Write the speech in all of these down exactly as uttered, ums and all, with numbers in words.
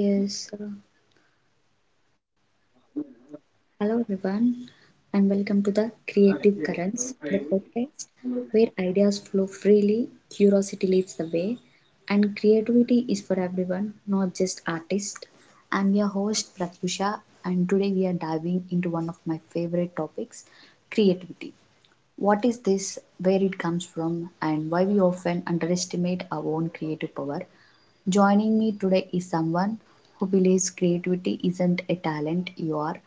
Yes, uh, hello everyone, and welcome to the Creative Currents, the podcast where ideas flow freely, curiosity leads the way, and creativity is for everyone, not just artists. I'm your host Pratyusha, and today we are diving into one of my favorite topics creativity. What is this, where it comes from, and why we often underestimate our own creative power? Joining me today is someone who believes creativity isn't a talent you are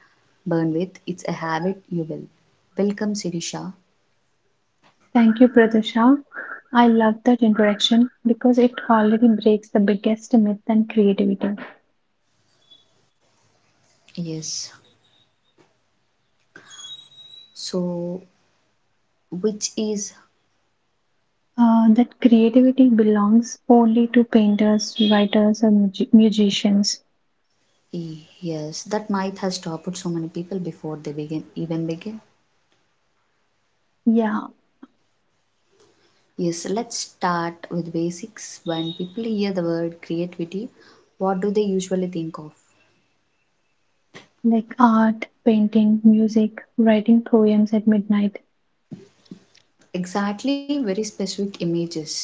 born with, it's a habit you will. Welcome, Sirisha. Thank you, Pratusha. I love that introduction because it already breaks the biggest myth and creativity. Yes, so, which is Uh, that creativity belongs only to painters, writers, or mugi- musicians. yes, that myth has stopped so many people before they begin even begin. Yeah, Yes, let's start with basics. When people hear the word creativity, what do they usually think of? like art, painting, music, writing poems at midnight. Exactly, very specific images.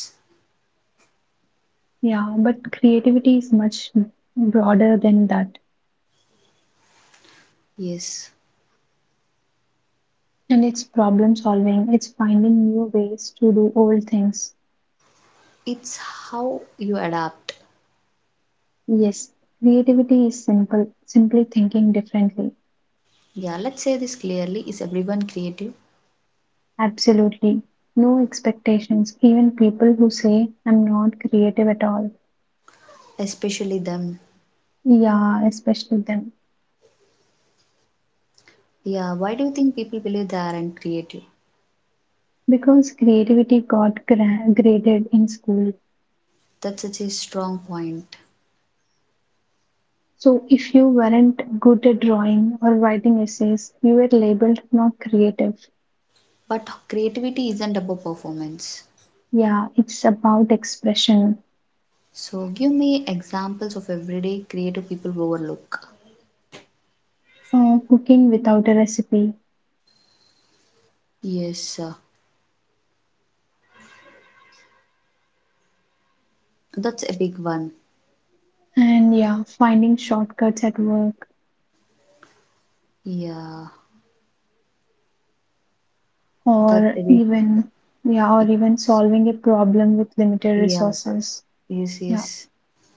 Yeah, but creativity is much broader than that. Yes, And it's problem solving, it's finding new ways to do old things. it's how you adapt. Yes, creativity is simple, simply thinking differently. Yeah, let's say this clearly. Is everyone creative? Absolutely. No expectations. Even people who say, I'm not creative at all. Especially them. Yeah, especially them. Yeah, why do you think people believe they aren't creative? Because creativity got gra- graded in school. That's such a strong point. So if you weren't good at drawing or writing essays, you were labeled not creative. But creativity isn't about performance. Yeah, it's about expression, So, give me examples of everyday creative people overlook. or cooking without a recipe, Yes, uh, that's a big one. and yeah, finding shortcuts at work, Yeah, that's or a big. even yeah, or even solving a problem with limited Yeah, resources. yes, Yeah, yes.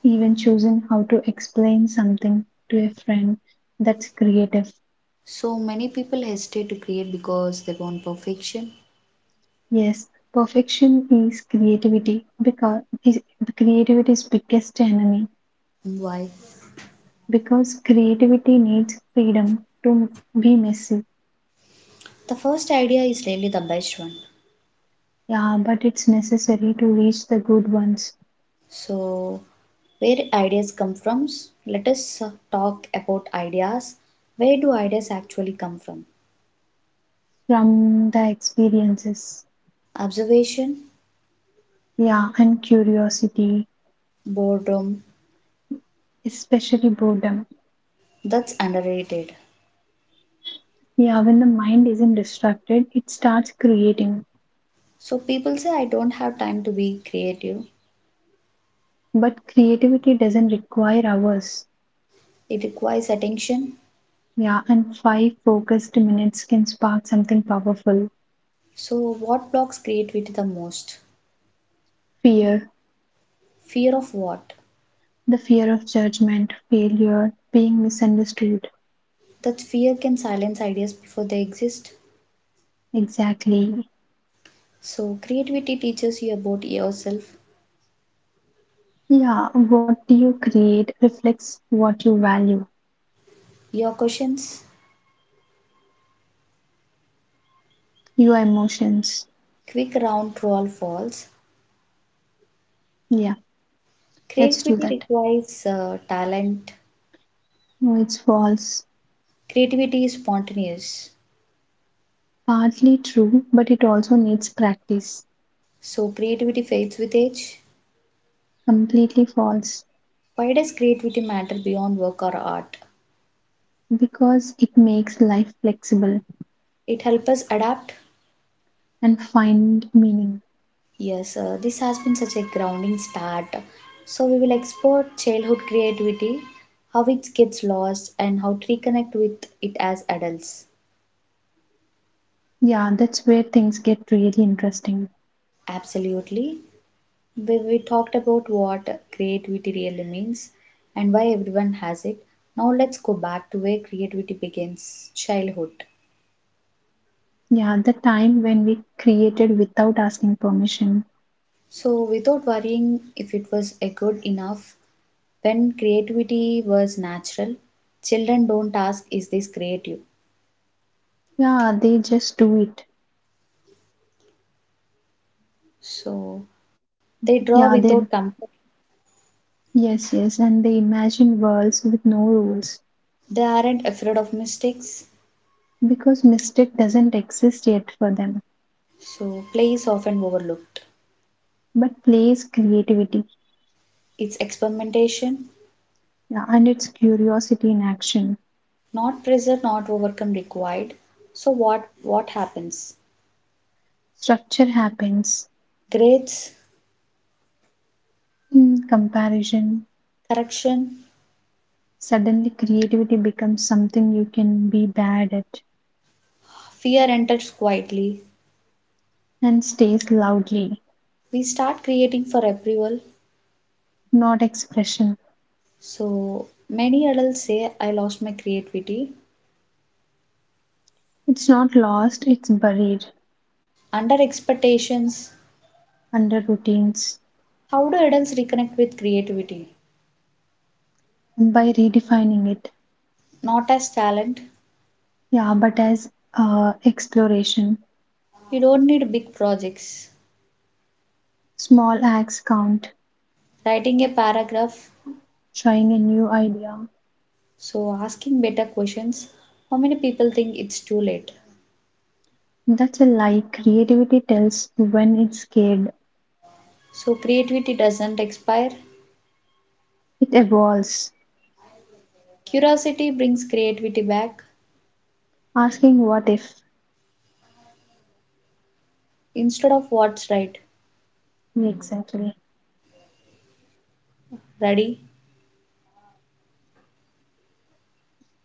even choosing how to explain something to a friend, that's creative. So many people hesitate to create because they want perfection. Yes, perfection is creativity, because is creativity's biggest enemy, Why? because creativity needs freedom to be messy. The first idea is really the best one. Yeah, but it's necessary to reach the good ones. So, where ideas come from? Let us uh, talk about ideas. Where do ideas actually come from? From the experiences, Observation, yeah, and curiosity, boredom, especially boredom. that's underrated. Yeah, when the mind isn't distracted it starts creating. So, people say, I don't have time to be creative. But creativity doesn't require hours. It requires attention. Yeah, and five focused minutes can spark something powerful. So, what blocks creativity the most? Fear. Fear of what? The fear of judgment, failure, being misunderstood. That fear can silence ideas before they exist. Exactly. So, creativity teaches you about yourself, Yeah, what you create reflects what you value, your questions, your emotions. quick round true or false. Yeah, let's do Creativity that. requires uh, talent. No, it's false. Creativity is spontaneous. Partly true, but it also needs practice. So, creativity fades with age. Completely false, Why does creativity matter beyond work or art? because it makes life flexible It helps us adapt. and find meaning. Yes, uh, this has been such a grounding start. So, we will explore childhood creativity, how it gets lost, and how to reconnect with it as adults. Yeah, that's where things get really interesting. Absolutely. We, we talked about what creativity really means and why everyone has it. Now let's go back to where creativity begins childhood. Yeah, the time when we created without asking permission. So, without worrying if it was a good enough, when creativity was natural, children don't ask, is this creative? Yeah, they just do it. So, they draw Yeah, they, without comfort. yes, yes, and they imagine worlds with no rules, They aren't afraid of mistakes. because mistake doesn't exist yet for them. So, play is often overlooked. But play is creativity, It's experimentation, yeah, and it's curiosity in action. not pressure, not overcome required. So what what happens? Structure happens Grades, in comparison. correction, Suddenly, creativity becomes something you can be bad at, fear enters quietly. and stays loudly, We start creating for approval. not expression. So many adults say, I lost my creativity. It's not lost, it's buried. Under expectations, Under routines, how do adults reconnect with creativity? by redefining it. Not as talent. Yeah, but as uh, exploration, You don't need big projects. small acts count, Writing a paragraph, trying a new idea. so asking better questions. How many people think it's too late? That's a lie. Creativity tells when it's scared, So creativity doesn't expire. it evolves. Curiosity brings creativity back Asking what if. instead of what's right. Exactly. Ready?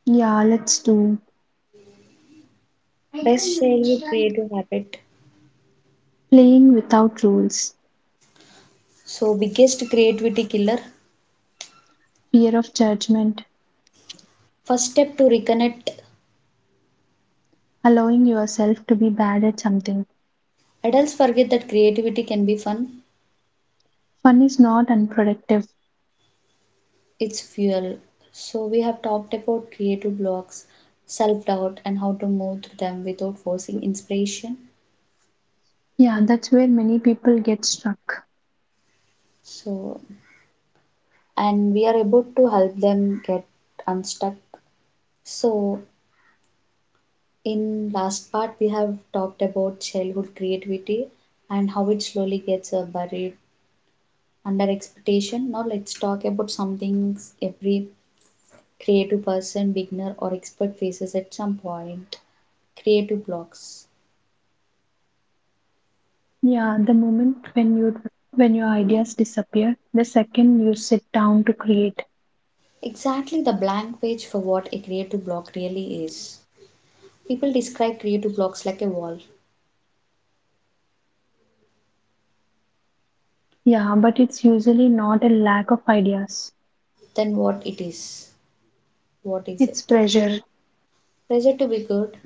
Yeah, let's do. Best daily creative habit. Playing without rules, So, biggest creativity killer. fear of judgment, First step to reconnect. allowing yourself to be bad at something. Adults forget that creativity can be fun, Fun is not unproductive. it's fuel. So, we have talked about creative blocks, self doubt, and how to move through them without forcing inspiration. Yeah, that's where many people get stuck. So, and we are able to help them get unstuck. So, in last part, we have talked about childhood creativity and how it slowly gets uh, buried under expectation. Now let's talk about something every creative person, beginner or expert faces at some point. Creative blocks. Yeah, the moment when you when your ideas disappear, the second you sit down to create. Exactly the blank page for what a creative block really is. People describe creative blocks like a wall. Yeah, but it's usually not a lack of ideas. Then what it is? What is It's it? pressure. Pressure to be good.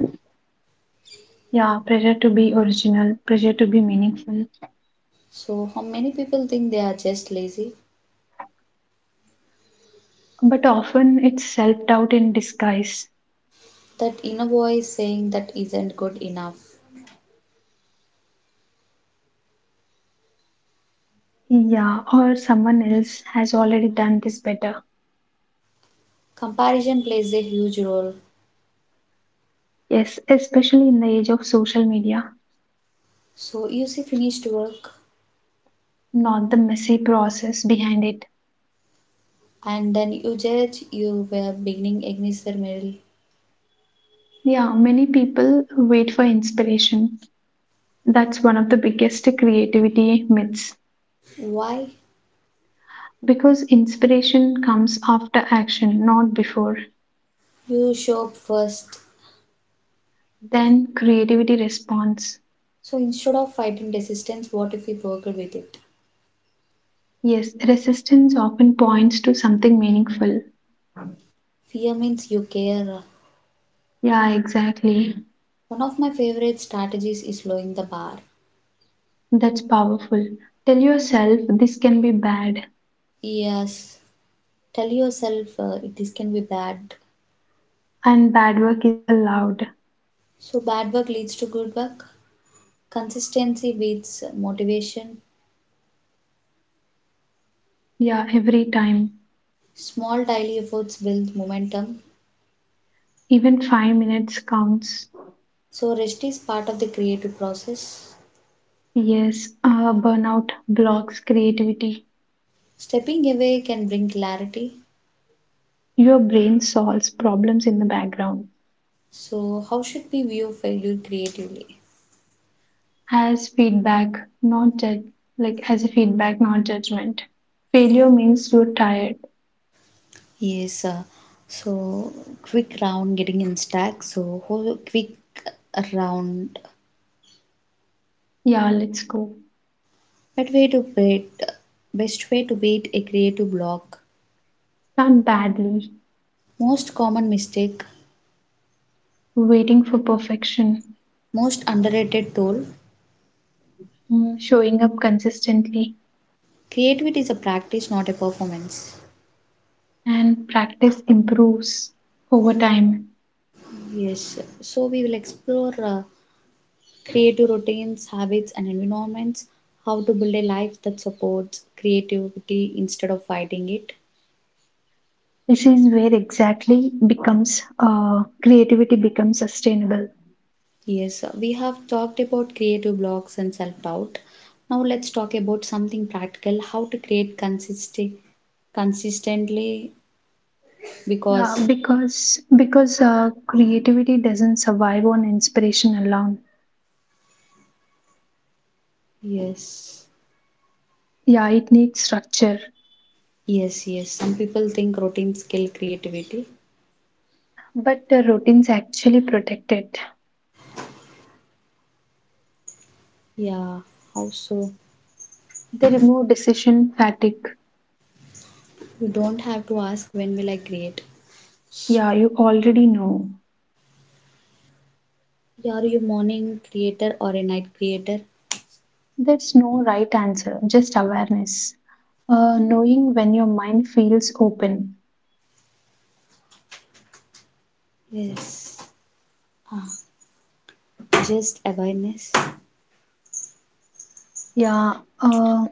Yeah, pressure to be original, pressure to be meaningful. So how many people think they are just lazy? But often it's self-doubt in disguise. That inner voice saying that isn't good enough. Yeah, or someone else has already done this better. Comparison plays a huge role. Yes, especially in the age of social media, So you see finished work not the messy process behind it. and then you judge you were beginning against their metal. Yeah, many people wait for inspiration. That's one of the biggest creativity myths, Why because inspiration comes after action, not before. you show up first, Then creativity responds. so instead of fighting resistance, what if we worked with it? Yes, resistance often points to something meaningful. Fear means you care. Yeah, exactly. One of my favorite strategies is lowering the bar. That's powerful. Tell yourself this can be bad, Yes, tell yourself uh, this can be bad, and bad work is allowed. so bad work leads to good work. Consistency beats motivation. Yeah, every time. Small daily efforts build momentum, Even five minutes counts. so rest is part of the creative process. Yes, uh, burnout blocks creativity. Stepping away can bring clarity. Your brain solves problems in the background So, how should we view failure creatively? as feedback, not judge, like as a feedback, not judgment. Failure means you're tired. Yes, uh, so quick round getting in stack. So whole quick round. Yeah, let's go. Best way to beat, best way to beat a creative block. Start badly, Most common mistake, waiting for perfection, most underrated tool. mm, showing up consistently, Creativity is a practice, not a performance. and practice improves over time. Yes, so we will explore uh, creative routines, habits, and environments. How to build a life that supports creativity instead of fighting it. This is where exactly becomes uh, creativity becomes sustainable. Yes, we have talked about creative blocks and self doubt. Now let's talk about something practical how to create consistent consistently Yeah, because because because uh, creativity doesn't survive on inspiration alone. yes, Yeah, it needs structure. yes, yes, some people think routines kill creativity. But the routines actually protect it. Yeah, how so? They remove decision fatigue. You don't have to ask when will I create. Yeah, you already know. You are you morning creator or a night creator? There's no right answer, just awareness. Uh, knowing when your mind feels open. Yes, ah, just awareness. Yeah, uh,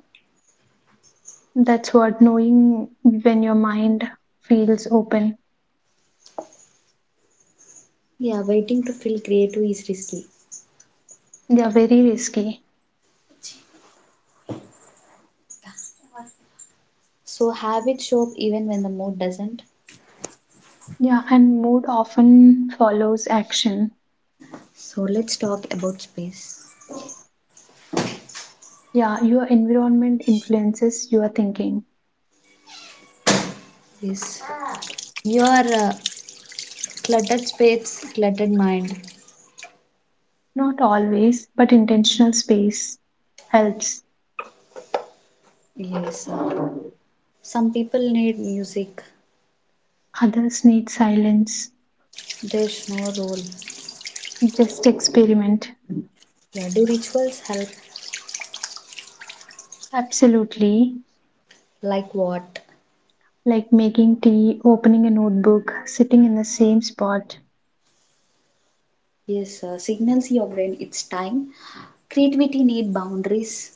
that's what knowing when your mind feels open. Yeah, waiting to feel creative is risky. They are very risky. So have it show up even when the mood doesn't. Yeah, and mood often follows action. So let's talk about space. Yeah, your environment influences your thinking. Yes. Your uh, cluttered space, cluttered mind. Not always, but intentional space helps. Yes, uh, some people need music. Others need silence. There's no rule. Just experiment. Yeah, do rituals help? Absolutely. Like what? Like making tea, opening a notebook, sitting in the same spot. Yes, uh, signals your brain it's time. Creativity need boundaries.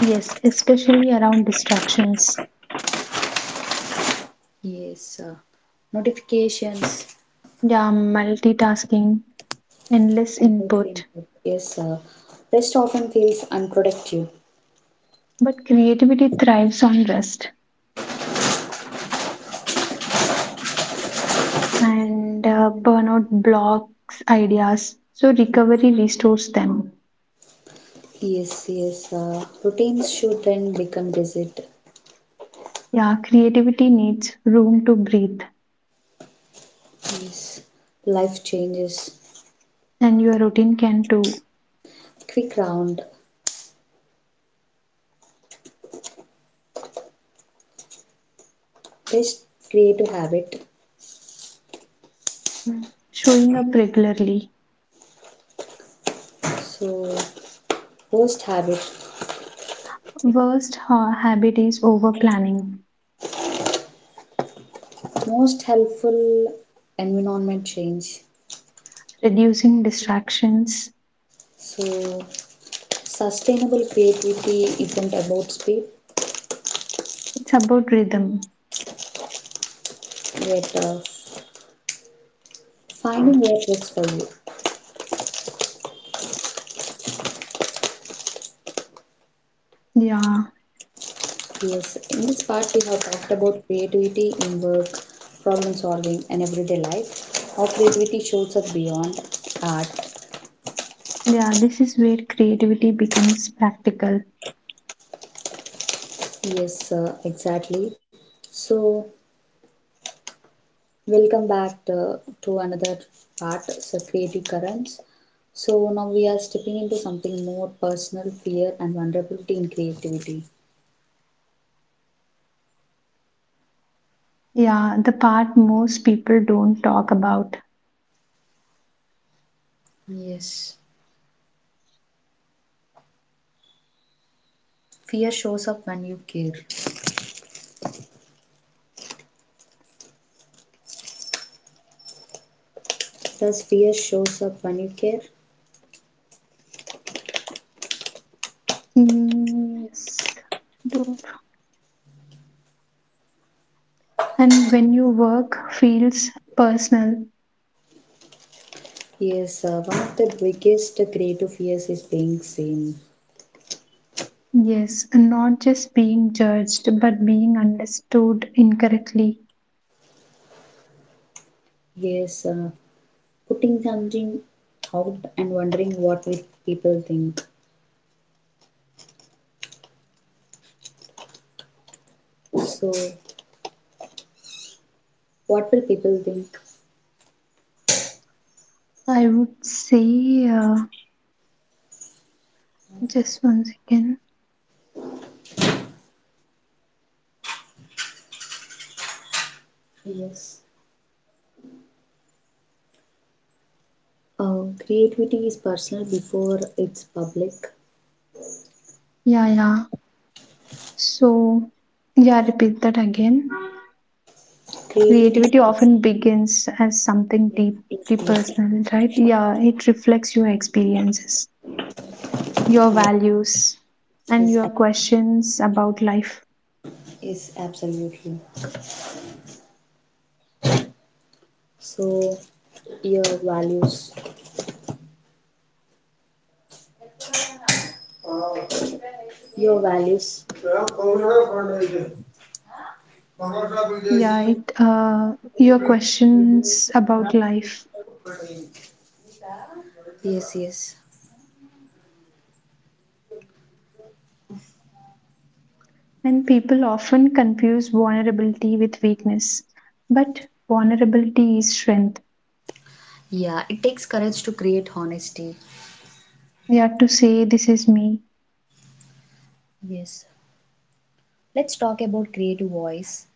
Yes, especially around distractions. Yes, uh, notifications Yeah, multitasking, endless and those input. input. Yes, uh, rest often feels unproductive. But creativity thrives on rest, and uh, burnout blocks ideas, so Yes. recovery restores them. Yes, yes. Uh, routines should then become rigid. Yeah, creativity needs room to breathe, Yes. Life changes. and your routine can too. Quick round. Best creative habit. Showing up regularly. So, worst habit. Worst ha- habit is over planning, Most helpful environment change. reducing distractions. So, sustainable creativity isn't about speed, It's about rhythm. yet uh, finding what works for you. Yeah, Yes, in this part we have talked about creativity in work, problem solving, and everyday life. How creativity shows up beyond art. yeah, this is where creativity becomes practical. Yes, uh, exactly. So, welcome back uh, to another part, so creative currents. So now we are stepping into something more personal, fear, and vulnerability in creativity. Yeah, the part most people don't talk about. Yes. Fear shows up when you care. Does fear shows up when you care? Mm, yes. Do- And when your work feels personal, Yes, uh, one of the biggest creative fears is being seen. yes, and not just being judged but being understood incorrectly. Yes, uh, putting something out and wondering what will people think. So, what will people think? I would say, uh, just once again. Yes. Uh, creativity is personal before it's public. Yeah, yeah. So, yeah, repeat that again. Creativity is Creativity personal. often begins as something It's deeply yes. personal, right? Yeah, it reflects your experiences, your Yes, values, and yes, your ab- questions about life. yes, absolutely. So, your values. Your values. Yeah, it uh, your questions about life. Yes, yes. And people often confuse vulnerability with weakness, but vulnerability is strength. Yeah, it takes courage to create honesty. Yeah, to say this is me. Yes. Let's talk about creative voice.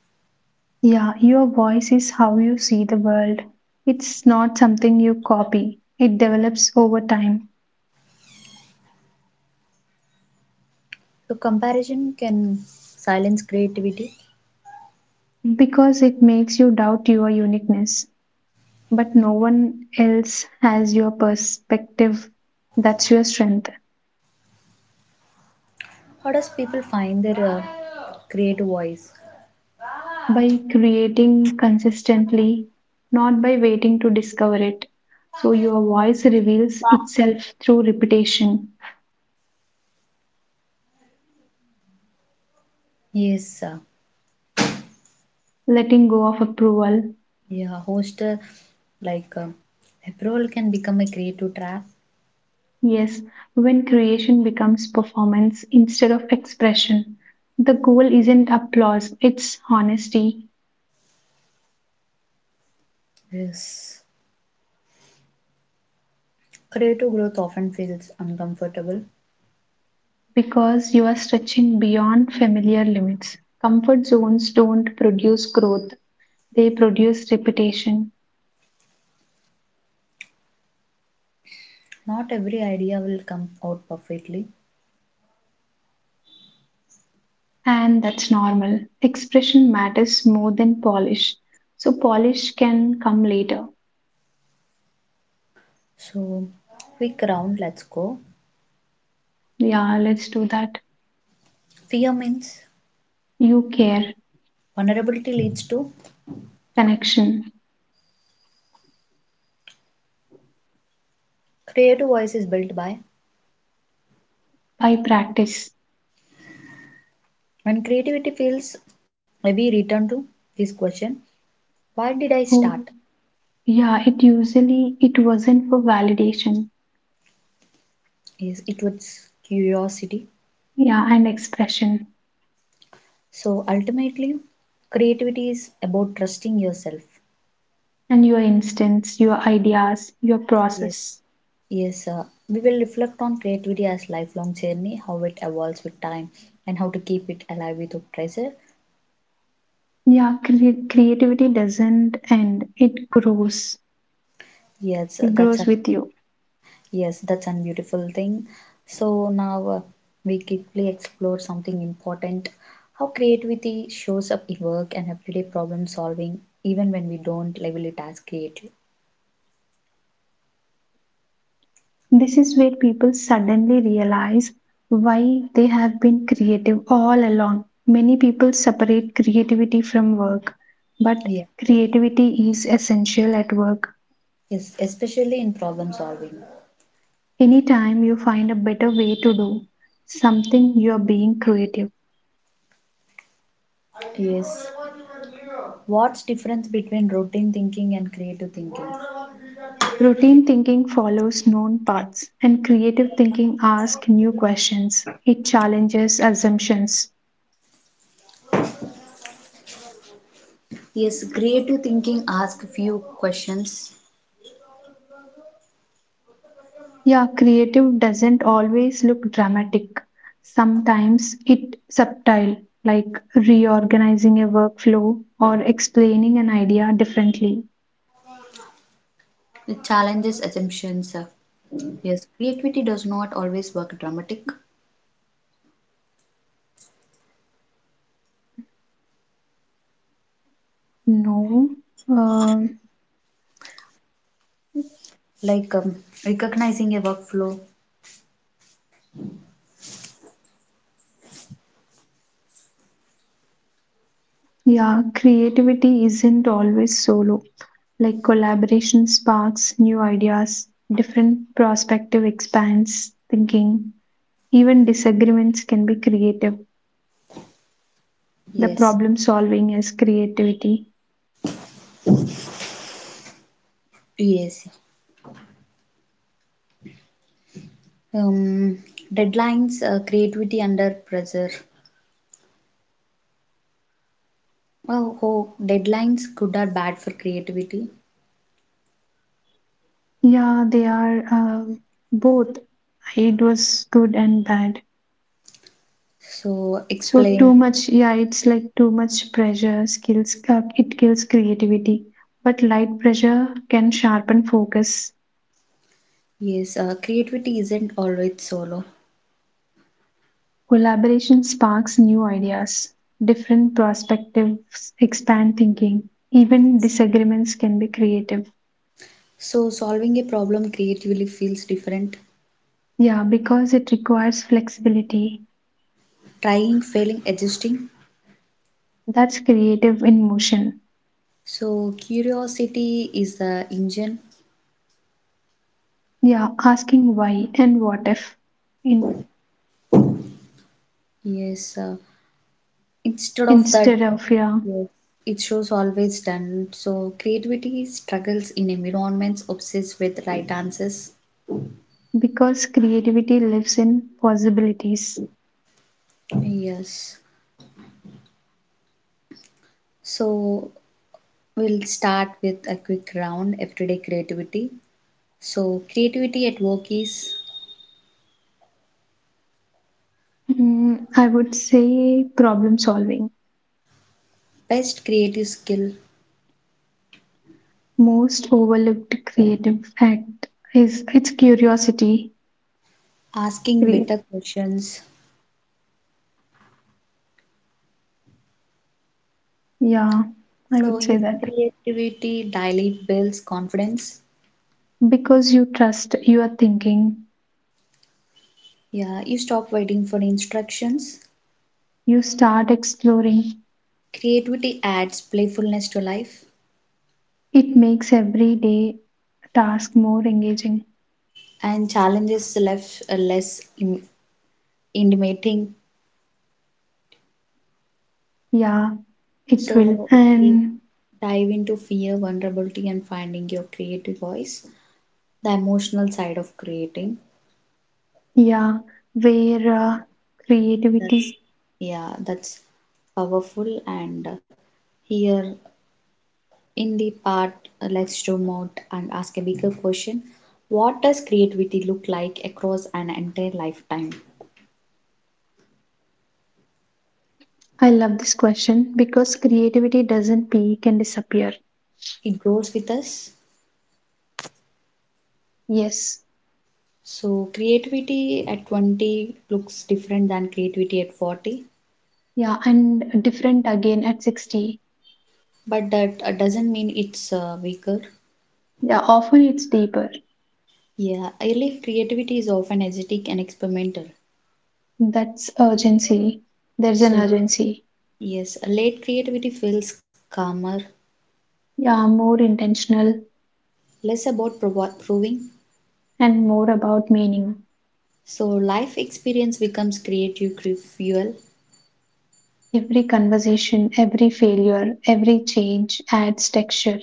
Yeah, your voice is how you see the world. It's not something you copy, it develops over time, So, comparison can silence creativity. because it makes you doubt your uniqueness. But no one else has your perspective. That's your strength. How does people find their uh, creative voice? By creating consistently, not by waiting to discover it. So, your voice reveals itself through repetition, Yes, uh, letting go of approval. yeah, host uh, like uh, approval can become a creative trap. Yes, when creation becomes performance instead of expression, the goal isn't applause, it's honesty, Yes. Creative growth often feels uncomfortable. because you are stretching beyond familiar limits. Comfort zones don't produce growth, they produce repetition, Not every idea will come out perfectly. and that's normal. Expression matters more than polish, so polish can come later. So, quick round, let's go. Yeah, let's do that. Fear means You care, vulnerability leads to connection, creative voices built by. by practice. When creativity feels heavy, return to this question why did I start? Oh, yeah, it usually it wasn't for validation, Is it was curiosity. yeah, and expression, So, ultimately, creativity is about trusting yourself. and your instincts, your ideas, your Yes. process. Yes, uh, we will reflect on creativity as lifelong journey, how it evolves with time, and how to keep it alive without pressure. Yeah, cre- creativity doesn't end; it grows. Yes, uh, It that's grows it. with you. Yes, that's a beautiful thing. So now uh, we quickly explore something important how creativity shows up in work and everyday problem solving, even when we don't label it as creative. This is where people suddenly realize why they have been creative all along. Many people separate creativity from work, but Yeah. creativity is essential at work. Yes, especially in problem solving. Anytime you find a better way to do something, you are being creative. Yes. What's difference between routine thinking and creative thinking? Routine thinking follows known paths, and creative thinking asks new questions. It challenges assumptions. Yes, creative thinking asks few questions. Yeah, creative doesn't always look dramatic. Sometimes it's subtle, like reorganizing a workflow or explaining an idea differently. It challenges assumptions. Yes, creativity does not always work dramatic. No, uh, Like um, recognizing a workflow. yeah, creativity isn't always solo. Like collaboration sparks new ideas, different perspective expands thinking. Even disagreements can be creative. The Yes, problem solving is creativity. yes. Um, Deadlines, uh, creativity under pressure. Oh, oh, deadlines good or bad for creativity. Yeah, they are uh, both. It was good and bad. So So explain. too much, yeah, it's like too much pressure skills. Uh, it kills creativity, but light pressure can sharpen focus. Yes, uh, creativity isn't always solo. Collaboration sparks new ideas, different perspectives expand thinking, even disagreements can be creative. So solving a problem creatively feels different. Yeah, because it requires flexibility. Trying, failing, adjusting. That's creative in motion. So curiosity is the engine. Yeah, asking why and what if in, Yes, uh, instead of that instead of yeah, yes, it shows always done. So creativity struggles in environments obsessed with right answers. because creativity lives in possibilities. Yes. So we'll start with a quick round everyday creativity. So creativity at work is Mm, I would say problem solving. best creative skill, Most overlooked creative act is its curiosity. asking Crea- better questions. Yeah, I So would say using that. creativity daily builds confidence. Because you trust your thinking, Yeah, you stop waiting for instructions. you start exploring. Creativity adds playfulness to life. It makes every day task more engaging. And challenges left uh, less in- intimidating. Yeah, it will. So we And dive into fear, vulnerability, and finding your creative voice, the emotional side of creating. yeah, where uh, That's creativity? yeah, that's powerful. And uh, here in the part, uh, let's zoom out and ask a bigger question. What does creativity look like across an entire lifetime? I love this question because creativity doesn't peak and disappear. It grows with us. Yes. So, creativity at twenty looks different than creativity at forty, Yeah, and different again at sixty. but that uh, doesn't mean it's uh, weaker. Yeah, often it's deeper. Yeah, early creativity is often aesthetic and experimental. That's urgency. There's an So, urgency. yes, late creativity feels calmer, Yeah, more intentional less about provo- proving. and more about meaning. So, life experience becomes creative cre- fuel. Every conversation, every failure, every change adds texture.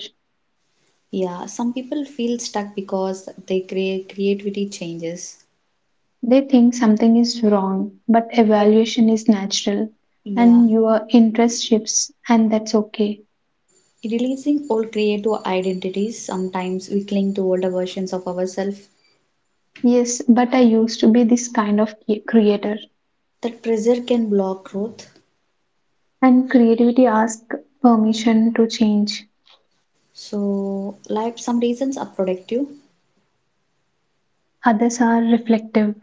Yeah, some people feel stuck because their crea- creativity changes. They think something is wrong, but But evaluation is natural, yeah, and your interest shifts, and that's okay. releasing old creative identities, sometimes we cling to older versions of ourselves. Yes, but I used to be this kind of cre- creator, That pressure can block growth. and creativity asks permission to change. So, like some reasons are productive, Others are reflective.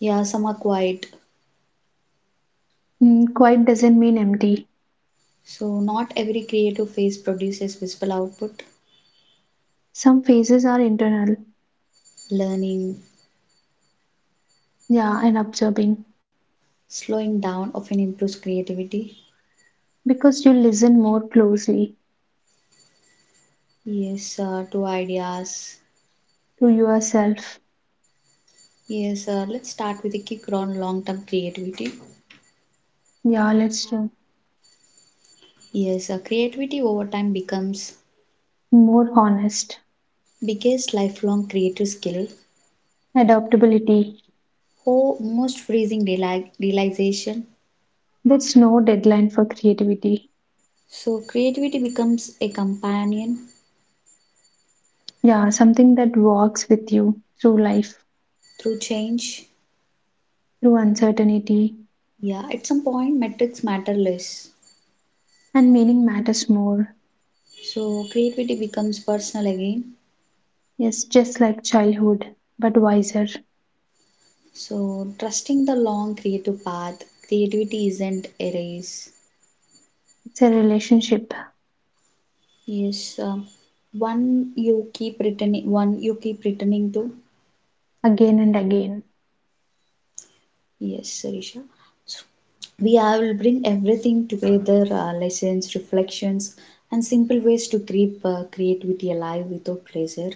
yeah, some are quiet. Mm, quiet doesn't mean empty. So, not every creative phase produces visible output. Some phases are internal, Learning, yeah, and observing, slowing down often improves creativity. because you listen more closely. Yes, uh, two ideas. To yourself. Yes, uh, let's start with a kick around long term creativity. Yeah, let's do. Yes, uh, creativity over time becomes More honest biggest lifelong creative skill adaptability. most freezing reali- realization. That's no deadline for creativity. So creativity becomes a companion Yeah, something that walks with you through life, through change. through uncertainty, Yeah, at some point metrics matter less. and meaning matters more. So creativity becomes personal again. Yes, just like childhood, but wiser. So trusting the long creative path, creativity isn't a race. It's a relationship Yes, uh, one you keep returning, one you keep returning to. again and again. Yes, Sarisha. So we I will bring everything together uh, lessons, reflections, and simple ways to keep uh, creativity alive without pressure.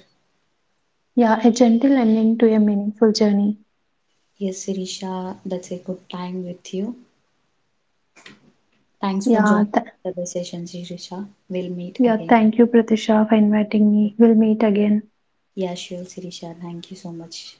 Yeah, a gentle ending to a meaningful journey. Yes, Sirisha, that's a good time with you. Thanks for Yeah, joining th- the session, Sirisha. We'll meet yeah. again. Thank you, Pratisha, for inviting me. We'll meet again. Yeah, sure, Sirisha. Thank you so much.